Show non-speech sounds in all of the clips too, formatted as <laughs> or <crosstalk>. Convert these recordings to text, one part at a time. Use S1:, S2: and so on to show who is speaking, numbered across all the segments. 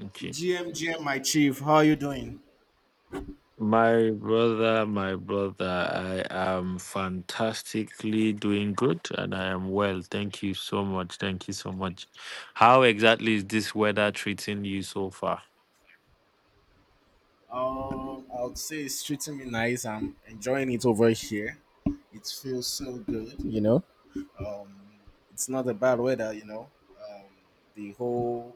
S1: Okay.
S2: GMGM, my chief, how are you doing?
S1: My brother, I am fantastically doing good and I am well. Thank you so much. Thank you so much. How exactly is this weather treating you so far?
S2: I would say it's treating me nice. I'm enjoying it over here. It feels so good. Um, it's not a bad weather. Um, the whole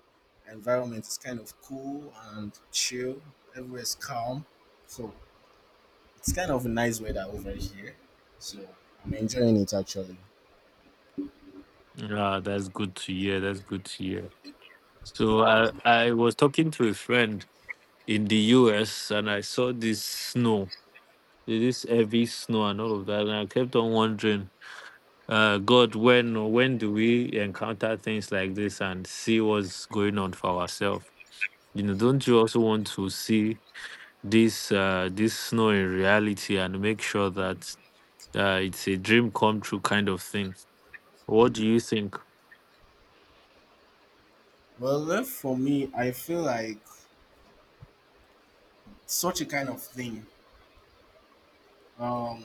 S2: environment is kind of cool and chill. Everywhere's calm, so it's kind of a nice weather over here. So I'm enjoying it actually.
S1: Yeah, that's good to hear. That's good to hear. So I was talking to a friend in the US and I saw this snow. It is heavy snow and all of that. And I kept on wondering, God, when do we encounter things like this and see what's going on for ourselves? You know, don't you also want to see this snow in reality and make sure that it's a dream come true kind of thing? What do you think?
S2: Well, left for me, I feel like such a kind of thing um,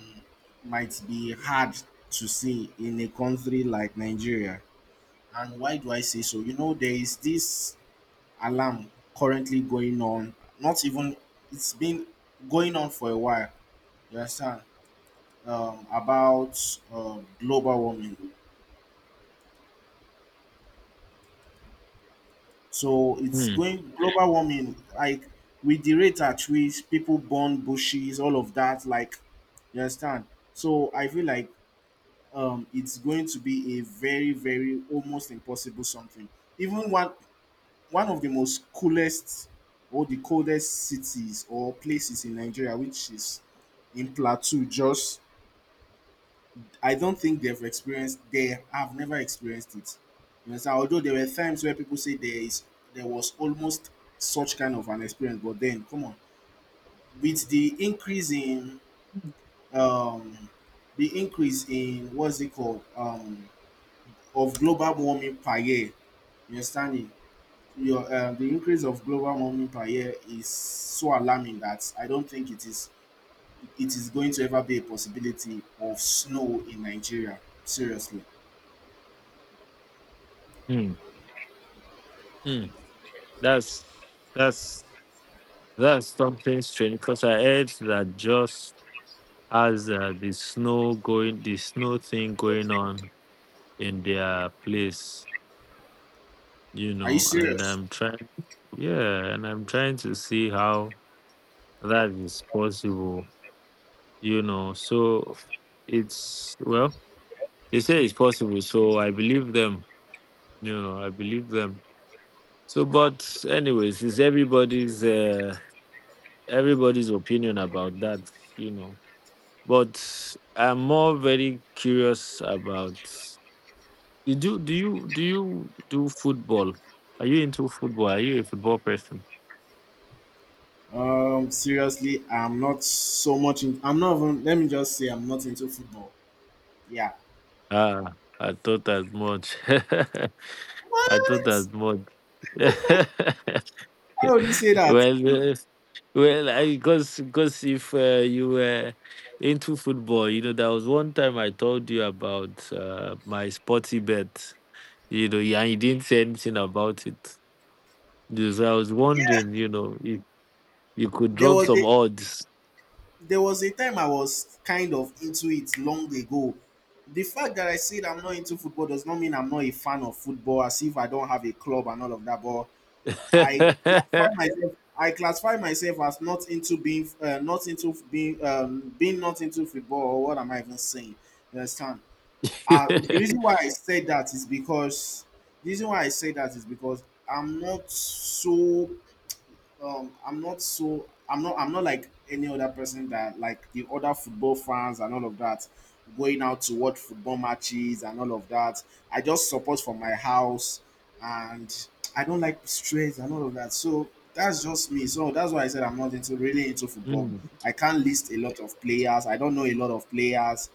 S2: might be hard to see in a country like Nigeria. And why do I say so? You know, there is this alarm currently going on, not even, it's been going on for a while, you understand, about global warming. So it's
S1: Hmm,
S2: going global warming, like with the rate at which people burn bushes, all of that, like, you understand. So I feel like it's going to be a very, very almost impossible something. Even one of the most coolest or the coldest cities or places in Nigeria, which is in Plateau, just I don't think they've experienced. They have never experienced it. You know, so although there were times where people say there was almost such kind of an experience, but then come on, with um, the increase in what's it called of global warming per year understanding your the increase of global warming per year is so alarming that I don't think it is going to ever be a possibility of snow in Nigeria. Seriously,
S1: hmm, hmm. That's that's that's something strange because I heard that just as the snow thing going on in their place,
S2: are you
S1: and
S2: serious?
S1: I'm trying, yeah, and I'm trying to see how that is possible, you know. So it's, well, they say it's possible. So I believe them, I believe them. So, but anyways, it's everybody's opinion about that, you know. But I'm more very curious about. You do do you do you do football? Are you into football? Are you a football person?
S2: Seriously, I'm not so much. I'm not even. Let me just say, I'm not into football. Yeah.
S1: Ah, I thought as much. <laughs> I thought
S2: What?
S1: as much. <laughs>
S2: How would you say that?
S1: well, uh, well, I because if you were into football, there was one time I told you about my sporty bet. Yeah, you didn't say anything about it. Just, I was
S2: Yeah.
S1: wondering, if you could
S2: There
S1: drop
S2: was
S1: some
S2: a
S1: odds.
S2: There was a time I was kind of into it long ago. The fact that I said I'm not into football does not mean I'm not a fan of football, as if I don't have a club and all of that. But I classify
S1: <laughs>
S2: myself. I classify myself as not into being, not into being, being not into football. Or what am I even saying? You understand? The reason why I said that is because the reason why I say that is because I'm not so I'm not like any other person that like the other football fans and all of that, going out to watch football matches and all of that. I just support from my house, and I don't like stress and all of that. So that's just me. So that's why I said I'm not into really into football.
S1: Hmm.
S2: I can't list a lot of players. I don't know a lot of players.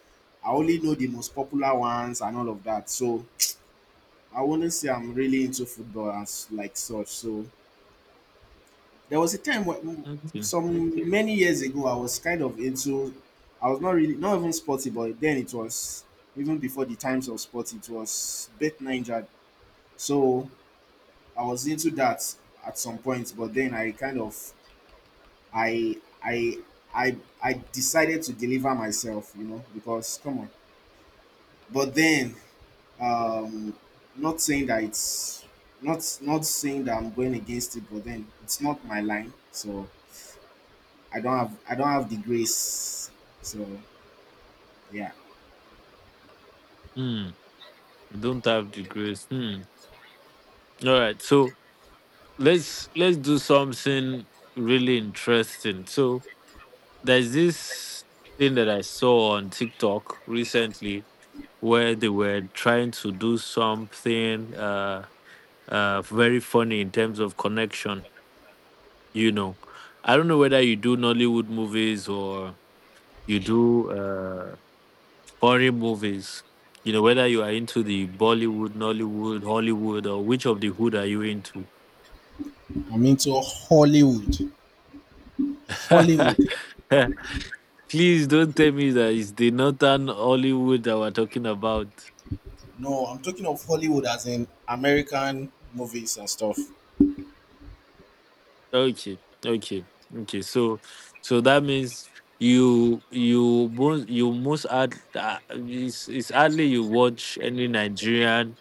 S2: I only know the most popular ones and all of that. So I wouldn't say I'm really into football as like such. So there was a time when,
S1: Okay.
S2: some many years ago, I was kind of into. I was not really, not even sporty, but then it was, even before the times of sport, it was Bet Ninja. So I was into that at some point, but then I kind of I I I I decided to deliver myself, you know, because come on. But then um not saying that it's not saying that I'm going against it, but then it's not my line. So I don't have the grace. So yeah.
S1: Hmm. Don't have the grace. Hmm. All right, so let's do something really interesting. So there's this thing that I saw on TikTok recently where they were trying to do something very funny in terms of connection, you know. I don't know whether you do Nollywood movies or you do foreign movies. Whether you are into the Bollywood, Nollywood, Hollywood, or which of the hood are you into?
S2: I'm into Hollywood. Hollywood.
S1: <laughs> Please don't tell me that it's the northern Hollywood that we're talking about.
S2: No, I'm talking of Hollywood as in American movies and stuff.
S1: Okay, okay, okay. So that means it's hardly you watch any Nigerian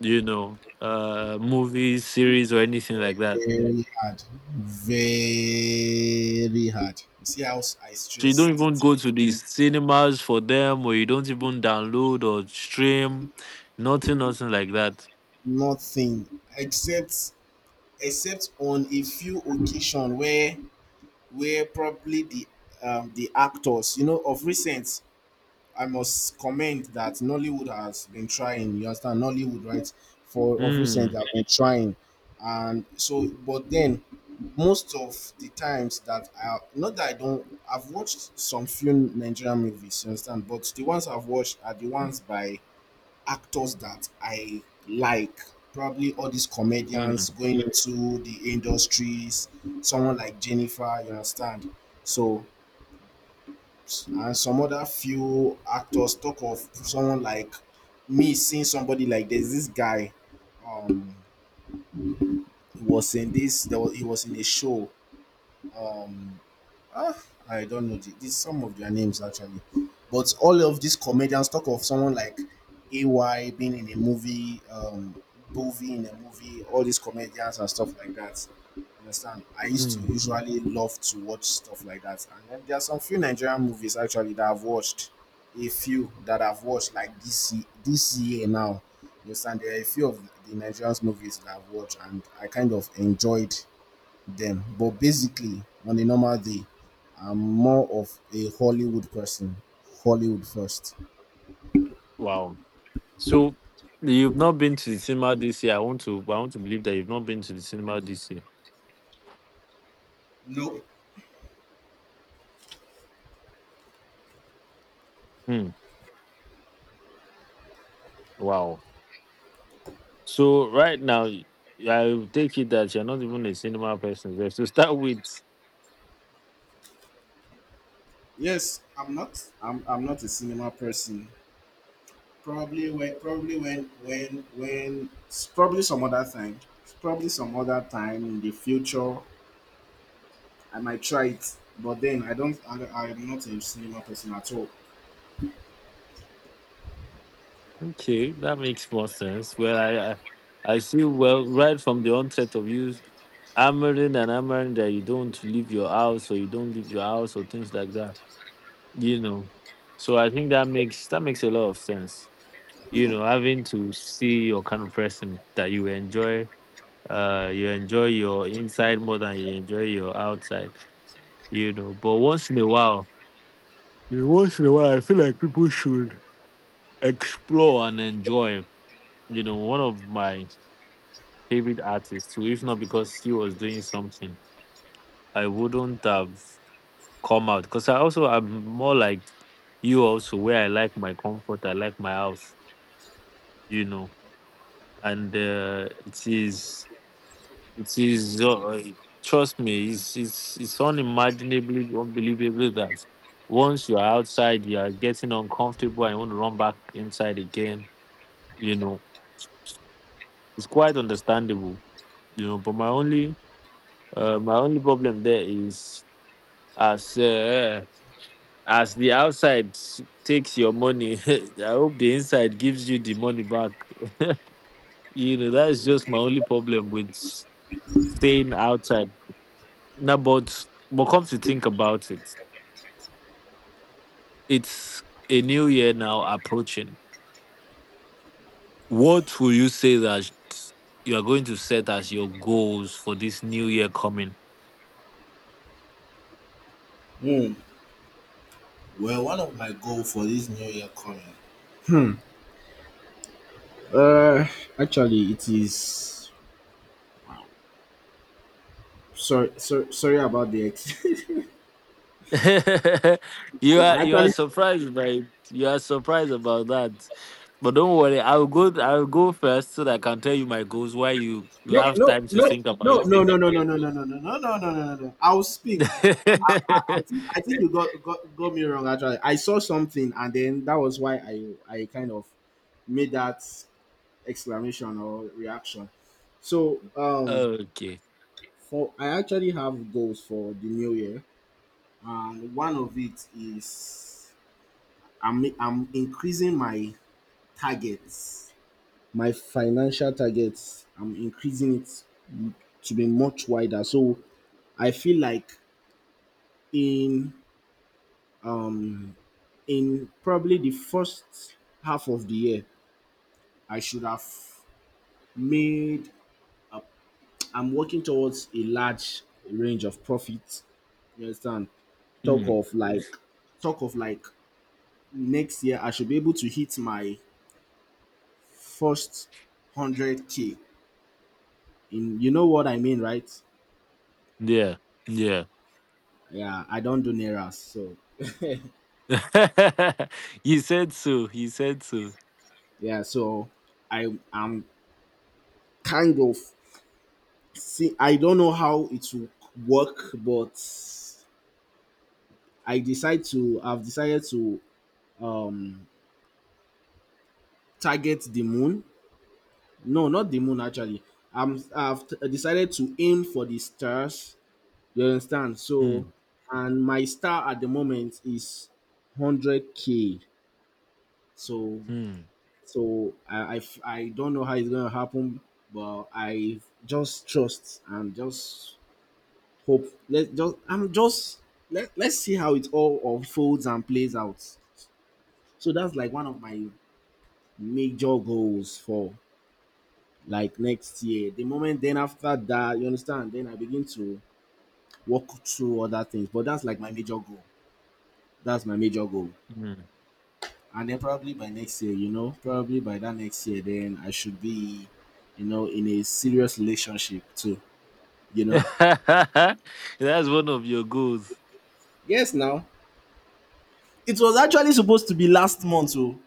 S1: movies series or anything like that.
S2: Very hard. Very hard. You see how I
S1: So you don't
S2: stressed
S1: even
S2: it?
S1: go to the cinemas for them, or you don't even download or stream, nothing, nothing like that.
S2: Nothing except except on a few occasions where probably the actors, of recent, I must comment that Nollywood has been trying. You understand? Nollywood, right? For of recent,
S1: Mm,
S2: they have been trying, and so but then most of the times that I not that I don't, I've watched some few Nigerian movies. You understand? But the ones I've watched are the ones by actors that I like. Probably all these comedians
S1: mm,
S2: going into the industries. Someone like Jennifer. You understand? So and some other few actors talk of someone like me seeing somebody like there's this guy um he was in this there was, he was in a show um Ah, I don't know the some of their names actually, but all of these comedians talk of someone like AY being in a movie, Bovi in a movie, all these comedians and stuff like that. Understand? I used to
S1: mm.
S2: usually love to watch stuff like that, and then there are some few Nigerian movies actually that I've watched, a few that I've watched like this year now. You Understand? There are a few of the Nigerian movies that I've watched, and I kind of enjoyed them, but basically, on a normal day, I'm more of a Hollywood person. Hollywood first.
S1: Wow. So you've not been to the cinema this year. I want to. Believe that you've not been to the cinema this year.
S2: No.
S1: Hmm. Wow. So right now, I take it that you're not even a cinema person. There. So start <laughs> with.
S2: Yes, I'm not. I'm not a cinema person. Probably when s- probably some other time. Probably some other time in the future I might try it. But then I don't I am not a cinema person at all.
S1: Okay, that makes more sense. Well, I see. Well, right from the onset of you hammering and hammering that you don't leave your house or you don't leave your house or things like that. You know. So I think that makes a lot of sense. Having to see your kind of person that you enjoy your inside more than you enjoy your outside. But once in a while, once in a while, I feel like people should explore and enjoy. One of my favorite artists, who, if not because he was doing something, I wouldn't have come out because I also am more like you, also, where I like my comfort, I like my house, you know, and it is. It is, uh, trust me, it's unimaginably unbelievable that once you're outside, you are getting uncomfortable and you want to run back inside again. You know, it's quite understandable. But my my only problem there is as, uh, as the outside takes your money, <laughs> I hope the inside gives you the money back. <laughs> That's just my only problem with staying outside. Now, but come to think about it. It's a new year now approaching. What will you say that you are going to set as your goals for this new year coming?
S2: Hmm. Well, one of my goals for this new year coming, Uh actually it is sorry, sorry, sorry about <laughs>
S1: <laughs> you are
S2: I
S1: you are
S2: actually
S1: surprised by you are surprised about that. But don't worry, I'll go first so that I can tell you my goals while you
S2: No,
S1: have
S2: no,
S1: time to
S2: no,
S1: think about
S2: no,
S1: your
S2: no, no,
S1: goals.
S2: no, no, no, no, no, no, no, no, no, no, no. I'll speak. I
S1: <laughs>
S2: think, I think you got me wrong. Actually, I saw something, and then that was why I kind of made that exclamation or reaction. So
S1: Okay.
S2: for I actually have goals for the new year, and one of it is I'm increasing my targets, my financial targets, I'm increasing it m- to be much wider. So I feel like in um in probably the first half of the year, I should have made I'm working towards a large range of profits. You understand? Talk
S1: Hmm.
S2: of like talk of like next year I should be able to hit my first 100K in you know what I mean, right?
S1: Yeah. Yeah.
S2: Yeah, I don't do neras, so <laughs>
S1: <laughs> You said so. You said so.
S2: Yeah, so I am kind of see. I don't know how it will work, but I decide to. I've decided to um target the moon. No, not the moon. Actually, I've decided to aim for the stars. You understand? So,
S1: Hmm.
S2: and my star at the moment is 100K. So,
S1: Hmm.
S2: so, I don't know how it's gonna happen, but I just trust and just hope, let just I'm just let, let's see how it all unfolds and plays out. So that's like one of my major goals for like next year, the moment, then after that, you understand, then I begin to walk through other things, but that's like my major goal. That's my major goal.
S1: Hmm.
S2: And then probably by next year, probably by that next year, then I should be in a serious relationship too you know
S1: <laughs> That's one of your goals.
S2: yes, now it was actually supposed to be last month. Oh.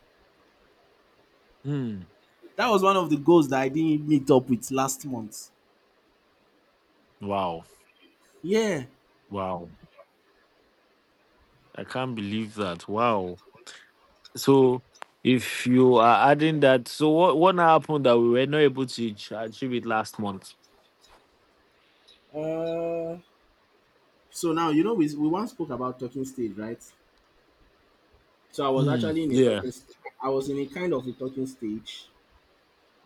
S1: Hmm.
S2: That was one of the goals that I didn't meet up with last month.
S1: Wow.
S2: Yeah.
S1: Wow. I can't believe that. Wow. So if you are adding that, so what now happened that we were not able to achieve it last month?
S2: Uh, so now, we once spoke about talking stage, right? So I was
S1: Hmm.
S2: actually in a
S1: Yeah.
S2: talking. I was in a kind of a talking stage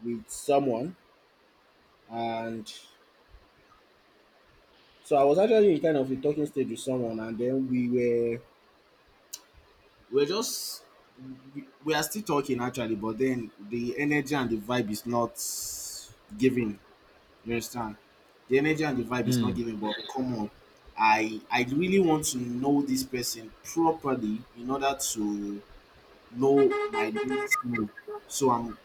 S2: with someone, and so I was actually in kind of a talking stage with someone, and then we were just we are still talking actually, but then the energy and the vibe is not giving. You understand? The energy and the vibe is not
S1: Hmm.
S2: giving, but come on. I really want to know this person properly in order to know my limits more. So I'm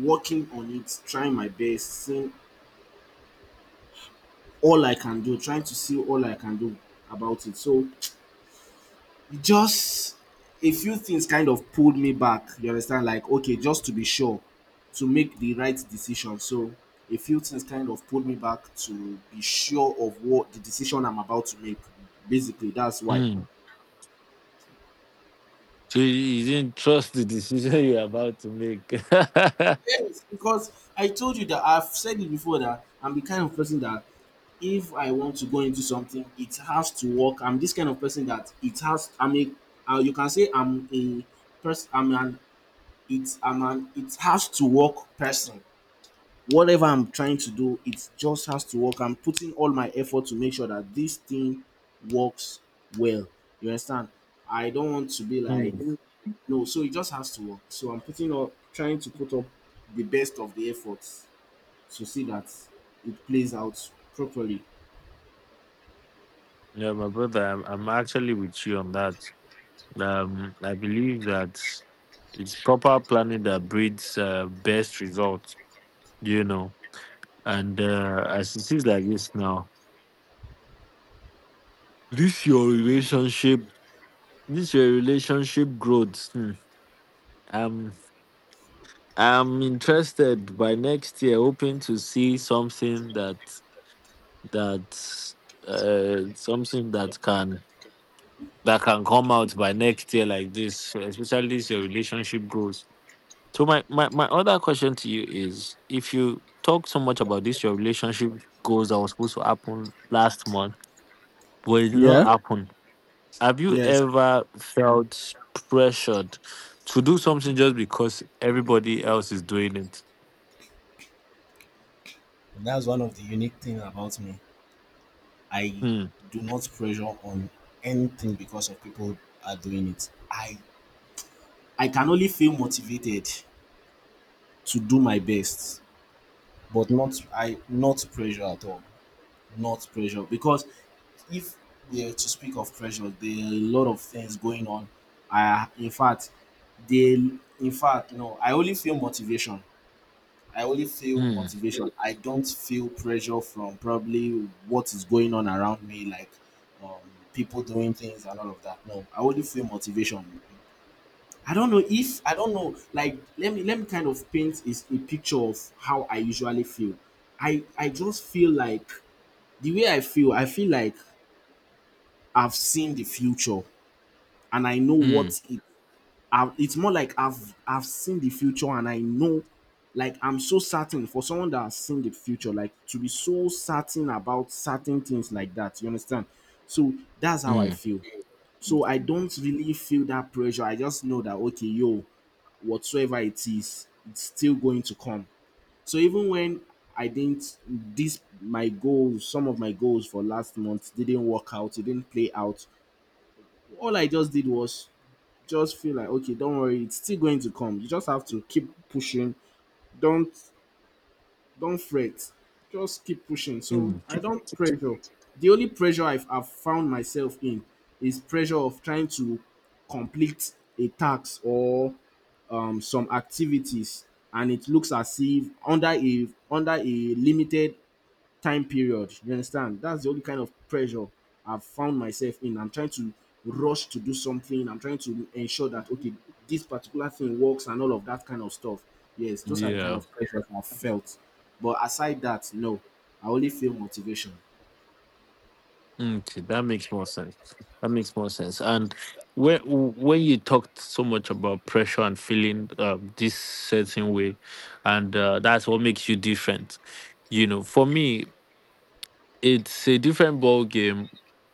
S2: working on it, trying my best, seeing all I can do, trying to see all I can do about it. So just a few things kind of pulled me back, you understand? Like, okay, just to be sure to make the right decision. So, a few things kind of pulled me back to be sure of what the decision I'm about to make. Basically, that's why.
S1: Hmm. So you didn't trust the decision <laughs> you're about to make. <laughs>
S2: Yes, because I told you that I've said it before that I'm the kind of person that if I want to go into something, it has to work. I'm this kind of person that it has. I mean, you can say I'm a person. I'm an. It's I'm an. It has to work person. Whatever I'm trying to do, it just has to work. I'm putting all my effort to make sure that this thing works well. You understand? I don't want to be like
S1: Hmm.
S2: no, so it just has to work. So I'm putting up trying to put up the best of the efforts to see that it plays out properly.
S1: Yeah, my brother, I'm actually with you on that. I believe that it's proper planning that breeds best results. you know. And as it is like this now, this your relationship, this your relationship growth. Hmm. Um, I'm interested by next year, hoping to see something that that something that can come out by next year like this, especially this your relationship goals. So my other question to you is if you talk so much about this your relationship goals that was supposed to happen last month, but it did not
S2: Yeah.
S1: happen. Have you
S2: Yes.
S1: ever felt pressured to do something just because everybody else is doing it?
S2: And that's one of the unique things about me. I
S1: Hmm.
S2: do not pressure on anything because of people are doing it. I can only feel motivated to do my best, but not I not pressure at all. Not pressure because if we are to speak of pressure, there are a lot of things going on. I, in fact, they, in fact, no. I only feel motivation. I only feel
S1: Hmm.
S2: motivation. I don't feel pressure from probably what is going on around me, like um, people doing things and all of that. No, I only feel motivation. I don't know. Like, let me kind of paint is a picture of how I usually feel. I just feel like the way I feel. I feel like I've seen the future and I know
S1: Hmm.
S2: what it. It's more like I've seen the future and I know, like I'm so certain for someone that has seen the future, like to be so certain about certain things like that. You understand? So that's how I
S1: Hmm.
S2: feel. So I don't really feel that pressure. I just know that okay, yo, whatsoever it is, it's still going to come. So even when I didn't this my goals, some of my goals for last month didn't work out, it didn't play out. All I just did was just feel like okay, don't worry, it's still going to come. You just have to keep pushing. Don't don't fret. Just keep pushing. So
S1: Hmm.
S2: I don't pressure. The only pressure I've found myself in is pressure of trying to complete a task or some activities, and it looks as if under a limited time period. You understand? That's the only kind of pressure I've found myself in. I'm trying to rush to do something, I'm trying to ensure that okay, this particular thing works and all of that kind of stuff. Yes, those are the kind
S1: Yeah.
S2: of pressures I've felt, but aside that, no, I only feel motivation.
S1: Okay, that makes more sense. That makes more sense. And when you talked so much about pressure and feeling this certain way, and that's what makes you different. For me, it's a different ball game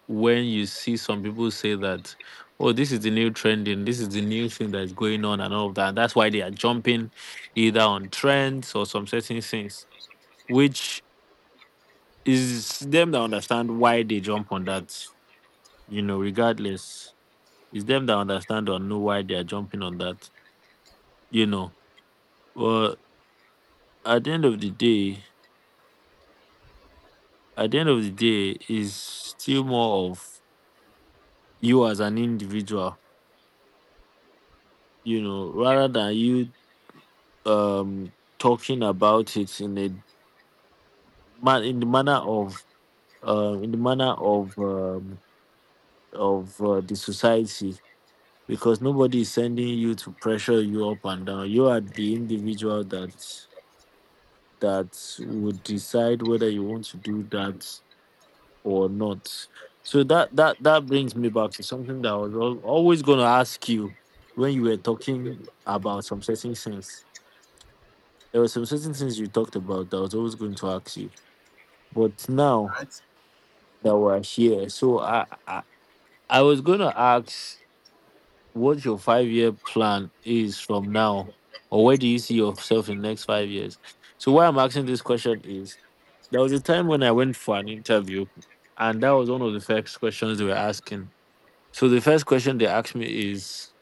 S1: when you see some people say that, oh, this is the new trending, this is the new thing that is going on, and all of that. That's why they are jumping either on trends or some certain things, which is them that understand why they jump on that, regardless. It's them that understand or know why they are jumping on that, you know. Well, at the end of the day, at the end of the day, is still more of you as an individual, rather than you talking about it in the manner of uh, in the manner of um, the society because nobody is sending you to pressure you up and down. You are the individual that would decide whether you want to do that or not. So that brings me back to something that I was always going to ask you when you were talking about some certain things. There were some certain things you talked about that I was always going to ask you. But now
S2: Right.
S1: that we're here, so I was gonna ask what your 5-year plan is from now, or where do you see yourself in the next 5 years? So why I'm asking this question is there was a time when I went for an interview, and that was one of the first questions they were asking. So the first question they asked me is: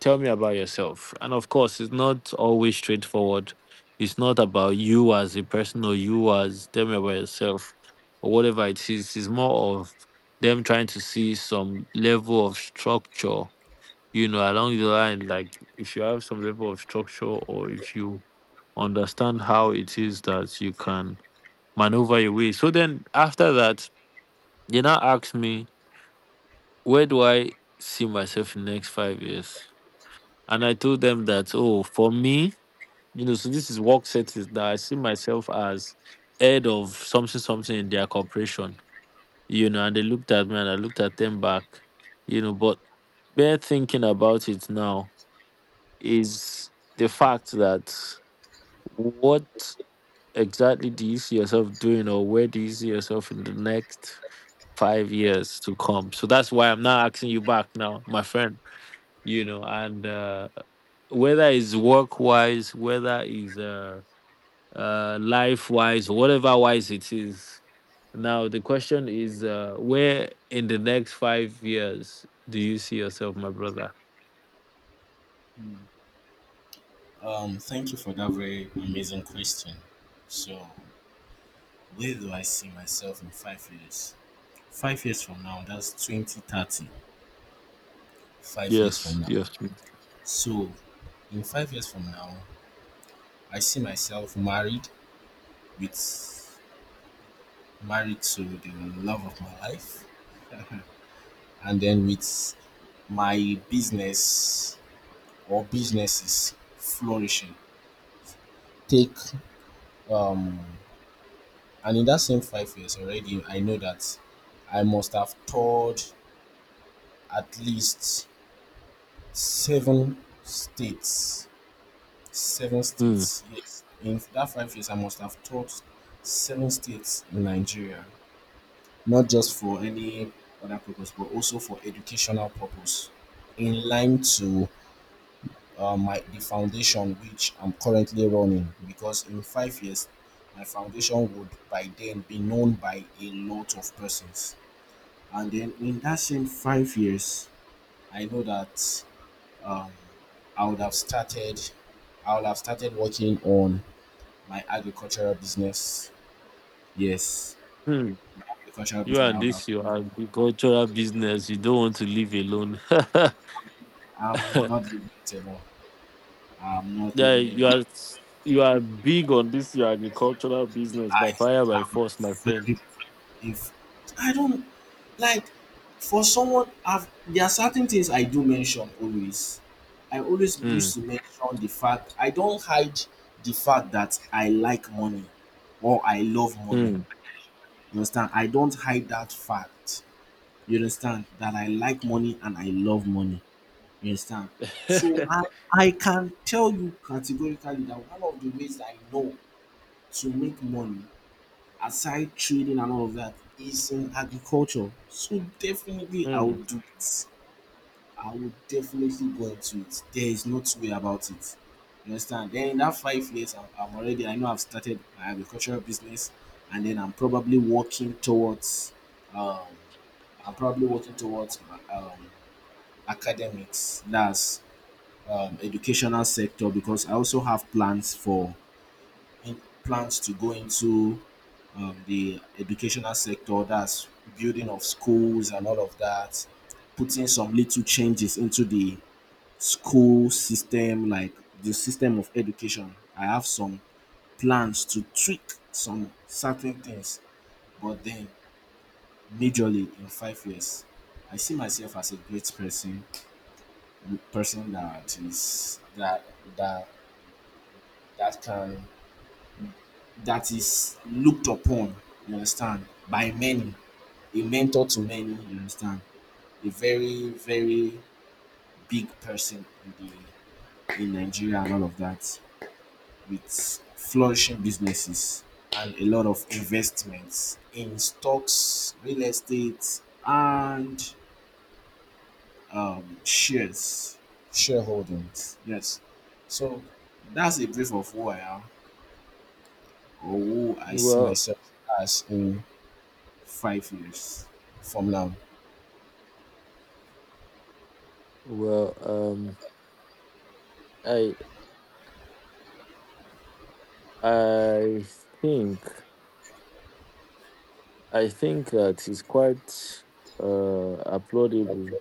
S1: Tell me about yourself. And of course, it's not always straightforward. It's not about you as a person or you as tell me about yourself or whatever it is. It's more of them trying to see some level of structure, along the line. Like if you have some level of structure or if you understand how it is that you can maneuver your way. So then after that, they now ask me, where do I see myself in the next 5 years? And I told them that, oh, for me, so this is work settings that I see myself as head of something, something in their corporation. And they looked at me and I looked at them back. But bare thinking about it now is the fact that what exactly do you see yourself doing or where do you see yourself in the next 5 years to come? So that's why I'm now asking you back now, my friend. And whether it's work wise, whether it's life wise, whatever wise it is. Now, the question is where in the next 5 years do you see yourself, my brother?
S2: Thank you for that very amazing question. So, where do I see myself in 5 years? 5 years from now, that's 2030. 5 years from
S1: Yes,
S2: now.
S1: yes.
S2: So, in 5 years from now, I see myself married with married to the love of my life, and then with my business or businesses flourishing. Take um, and in that same 5 years already, I know that I must have toured at least 7 states. Seven
S1: Mm.
S2: states, yes. In that 5 years, I must have taught 7 states in Nigeria, not just for any other purpose, but also for educational purpose, in line to my the foundation which I'm currently running. Because in 5 years, my foundation would by then be known by a lot of persons. And then in that same 5 years, I know that um, I would have started, I would have started working on my agricultural business. Yes,
S1: Hmm.
S2: agricultural
S1: You
S2: business. I
S1: and
S2: would have,
S1: this, you agricultural business. You don't want to live alone.
S2: I'm not
S1: <laughs>
S2: living it alone. I'm not
S1: Yeah,
S2: living it
S1: you
S2: alone.
S1: are you are big on this your agricultural business
S2: I,
S1: by fire
S2: I
S1: by
S2: would
S1: force, my friend.
S2: very- if I don't like for someone. There are certain things I do mention always. I always used
S1: Mm,
S2: to mention the fact I don't hide the fact that I like money or I love money.
S1: mm,
S2: You understand? I don't hide that fact. You understand that I like money and I love money. You understand? So I
S1: <laughs>
S2: I can tell you categorically that one of the ways I know to make money aside trading and all of that is in agriculture. So definitely I will
S1: mm.
S2: do it. I will definitely go into it. There is no two-way about it. You understand? Then in that 5 years, I'm already, I know I've started my agricultural business, and then I'm probably working towards, um, I'm probably working towards um, academics. That's educational sector because I also have plans plans to go into the educational sector. That's building of schools and all of that, putting some little changes into the school system, like the system of education. I have some plans to tweak some certain things, but then majorly in 5 years. I see myself as a great person, person that is that that that can that is looked upon, you understand, by many, a mentor to many, you understand, a very, very big person in the in Nigeria and all of that, with flourishing businesses and a lot of investments in stocks, real estate, and shares, shareholdings. Yes. So that's a brief of who I am or who I see
S1: Well,
S2: myself as in 5 years from now.
S1: well, I I think I think that it's quite applaudable,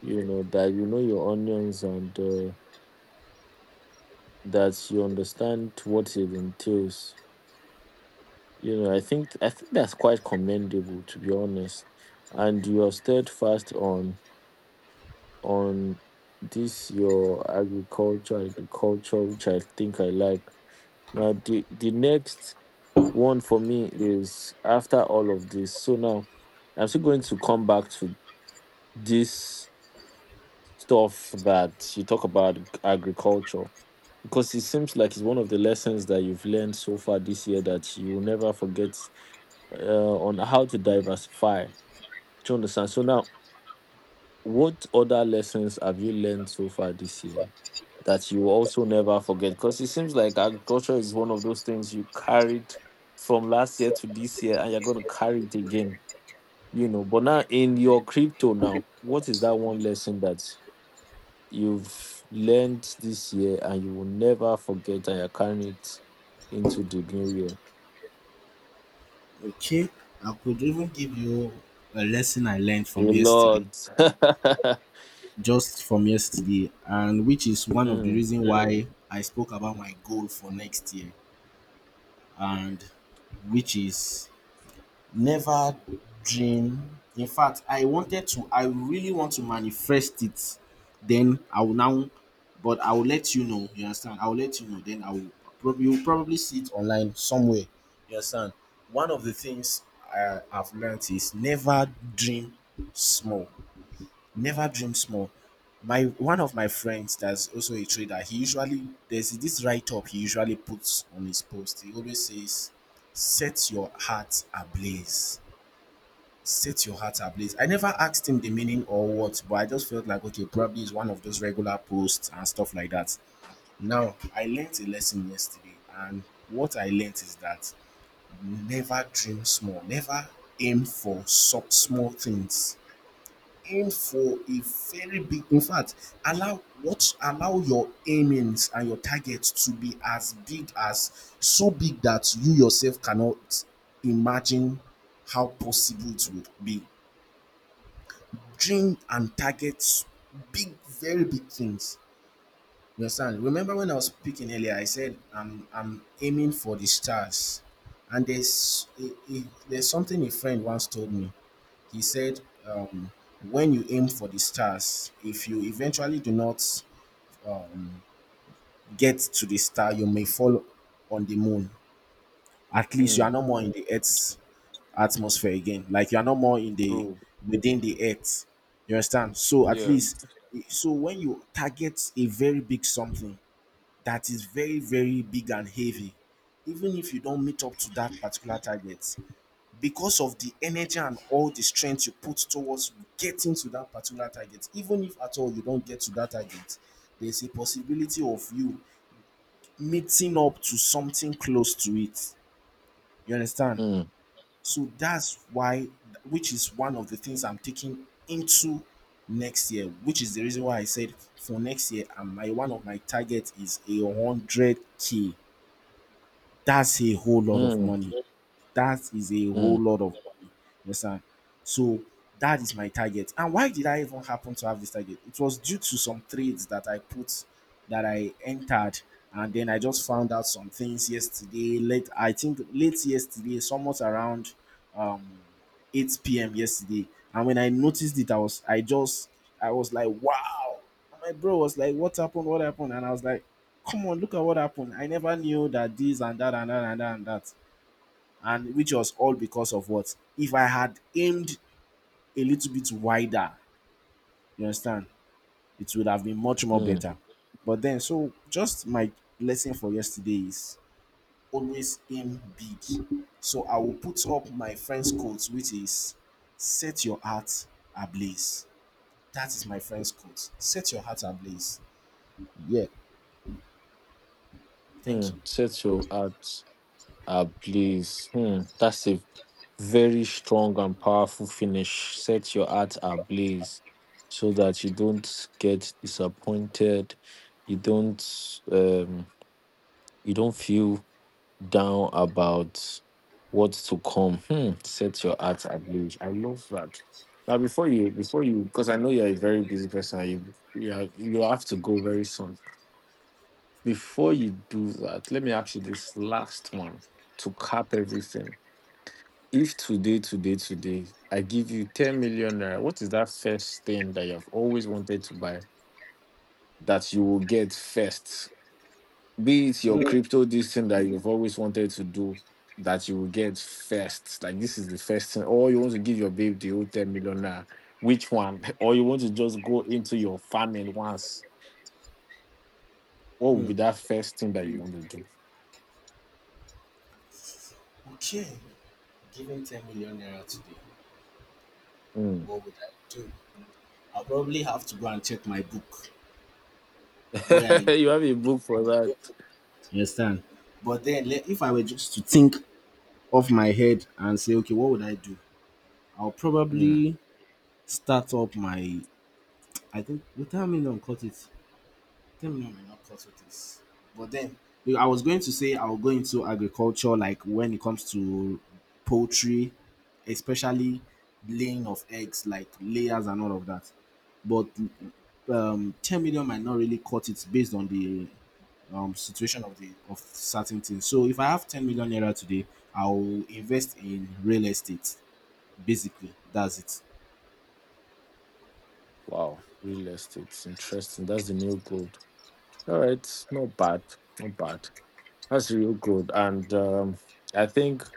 S1: that you know your onions and that you understand what it entails. I think that's quite commendable to be honest, and you are steadfast on this your agriculture, which I think I like. Now the next one for me is after all of this. So now I'm still going to come back to this stuff that you talk about agriculture because it seems like it's one of the lessons that you've learned so far this year that you will never forget on how to diversify. Do you understand? So now, what other lessons have you learned so far this year that you also never forget? Because it seems like agriculture is one of those things you carried from last year to this year and you're going to carry it again. But now in your crypto, now, what is that one lesson that you've learned this year and you will never forget and you're carrying it into the new year?
S2: Okay, I could even give you a lesson I learned
S1: A
S2: from yesterday,
S1: lot. <laughs>
S2: just from yesterday, and which is one of the
S1: Mm,
S2: reason why I spoke about my goal for next year, and which is never dream, in fact, I really want to manifest it. Then I will now, but I will let you know, you understand? I will let you know. Then I will Probably you'll probably see it online somewhere. You understand? One of the things I've learned is never dream small. Never dream small. My One of my friends that's also a trader, he usually there's this write up he usually puts on his post. He always says, set your heart ablaze, set your heart ablaze. I never asked him the meaning or what, but I just felt like okay, probably it's one of those regular posts and stuff like that. Now, I learned a lesson yesterday, and what I learned is that never dream small, never aim for sub small things. Aim for a very big In fact, allow what allow your aimings and your targets to be as big as so big that you yourself cannot imagine how possible it would be. Dream and target big, very big things. You understand? Remember when I was speaking earlier, I said I'm aiming for the stars, and a, there's something a friend once told me. He said, when you aim for the stars, if you eventually do not um, get to the star, you may fall on the moon. At least you are
S1: mm,
S2: no more in the earth atmosphere again. Like you are no more in the
S1: true.
S2: within the earth. You understand? So at
S1: Yeah.
S2: least, so when you target a very big something that is very, very big and heavy, even if you don't meet up to that particular target, because of the energy and all the strength you put towards getting to that particular target, even if at all you don't get to that target, there's a possibility of you meeting up to something close to it. You understand?
S1: Mm,
S2: So that's why, which is one of the things I'm taking into next year, which is the reason why I said for next year, and my one of my targets is 100K. That's a whole lot of
S1: mm,
S2: money. That is a
S1: mm,
S2: whole lot of money. You understand? So that is my target. And why did I even happen to have this target? It was due to some trades that I put that I entered, and then I just found out some things yesterday. Late, I think late yesterday, somewhat around um 8 p.m. yesterday. And when I noticed it, I was like, wow. And my bro was like, what happened? What happened? And I was like, come on, look at what happened. I never knew that this and that and that and that and that, and which was all because of what if I had aimed a little bit wider. You understand? It would have been much more
S1: mm,
S2: better. But then, so just my lesson for yesterday is always aim big. So I will put up my friend's quote, which is set your heart ablaze. That is my friend's quote: set your heart ablaze. Yeah, thank
S1: mm.
S2: you.
S1: Set your heart ablaze. Hmm, that's a very strong and powerful finish. Set your heart ablaze so that you don't get disappointed. You don't um you don't feel down about what's to come. Hmm, set your heart ablaze. I love that. Now before you because I know you're a very busy person, you have to go very soon. Before you do that, let me ask you this last one to cap everything, if today, today, today, I give you 10 million naira, what is that first thing that you've always wanted to buy that you will get first? Be it your
S2: Mm.
S1: crypto, this thing that you've always wanted to do that you will get first. Like this is the first thing. Or you want to give your babe the whole 10 million naira. Which one? <laughs> Or you want to just go into your famine once. What would be that first thing that you want to do?
S2: Okay, given 10 million naira today,
S1: Mm.
S2: what would I do? I'll probably have to go and check my book where I
S1: <laughs>
S2: get.
S1: You have a book for that.
S2: You understand? But then, if I were just to think off my head and say, okay, what would I do? I'll
S1: Mm.
S2: probably start up my. I think with 10 million cut it. 10 million may not cut it is. But then you know, I was going to say I'll go into agriculture, like when it comes to poultry, especially laying of eggs, like layers and all of that. But 10 million might not really cut it based on the situation of certain things. So if I have 10 million naira today, I will invest in real estate. Basically, that's it.
S1: Wow, real estate. Interesting. That's the new goal. All right, not bad, not bad. That's real good, and I think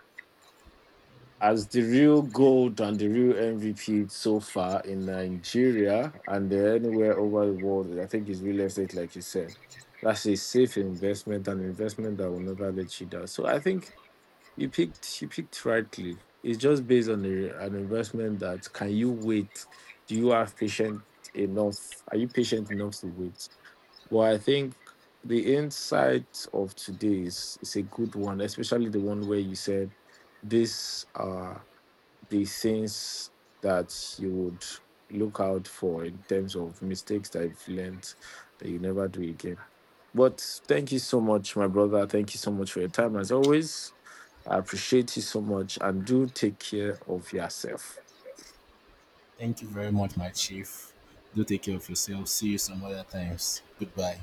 S1: as the real gold and the real MVP so far in Nigeria and anywhere over the world, I think is real estate, like you said. That's a safe investment, an investment that will never let you down. So I think you picked rightly. It's just based on an investment that can you wait? Do you have patient enough? Are you patient enough to wait? Well, I think the insight of today is a good one, especially the one where you said these are the things that you would look out for in terms of mistakes that you've learned that you never do again. But thank you so much, my brother. Thank you so much for your time. As always, I appreciate you so much and do take care of yourself.
S2: Thank you very much, my chief. Do take care of yourself. See you some other times. Goodbye.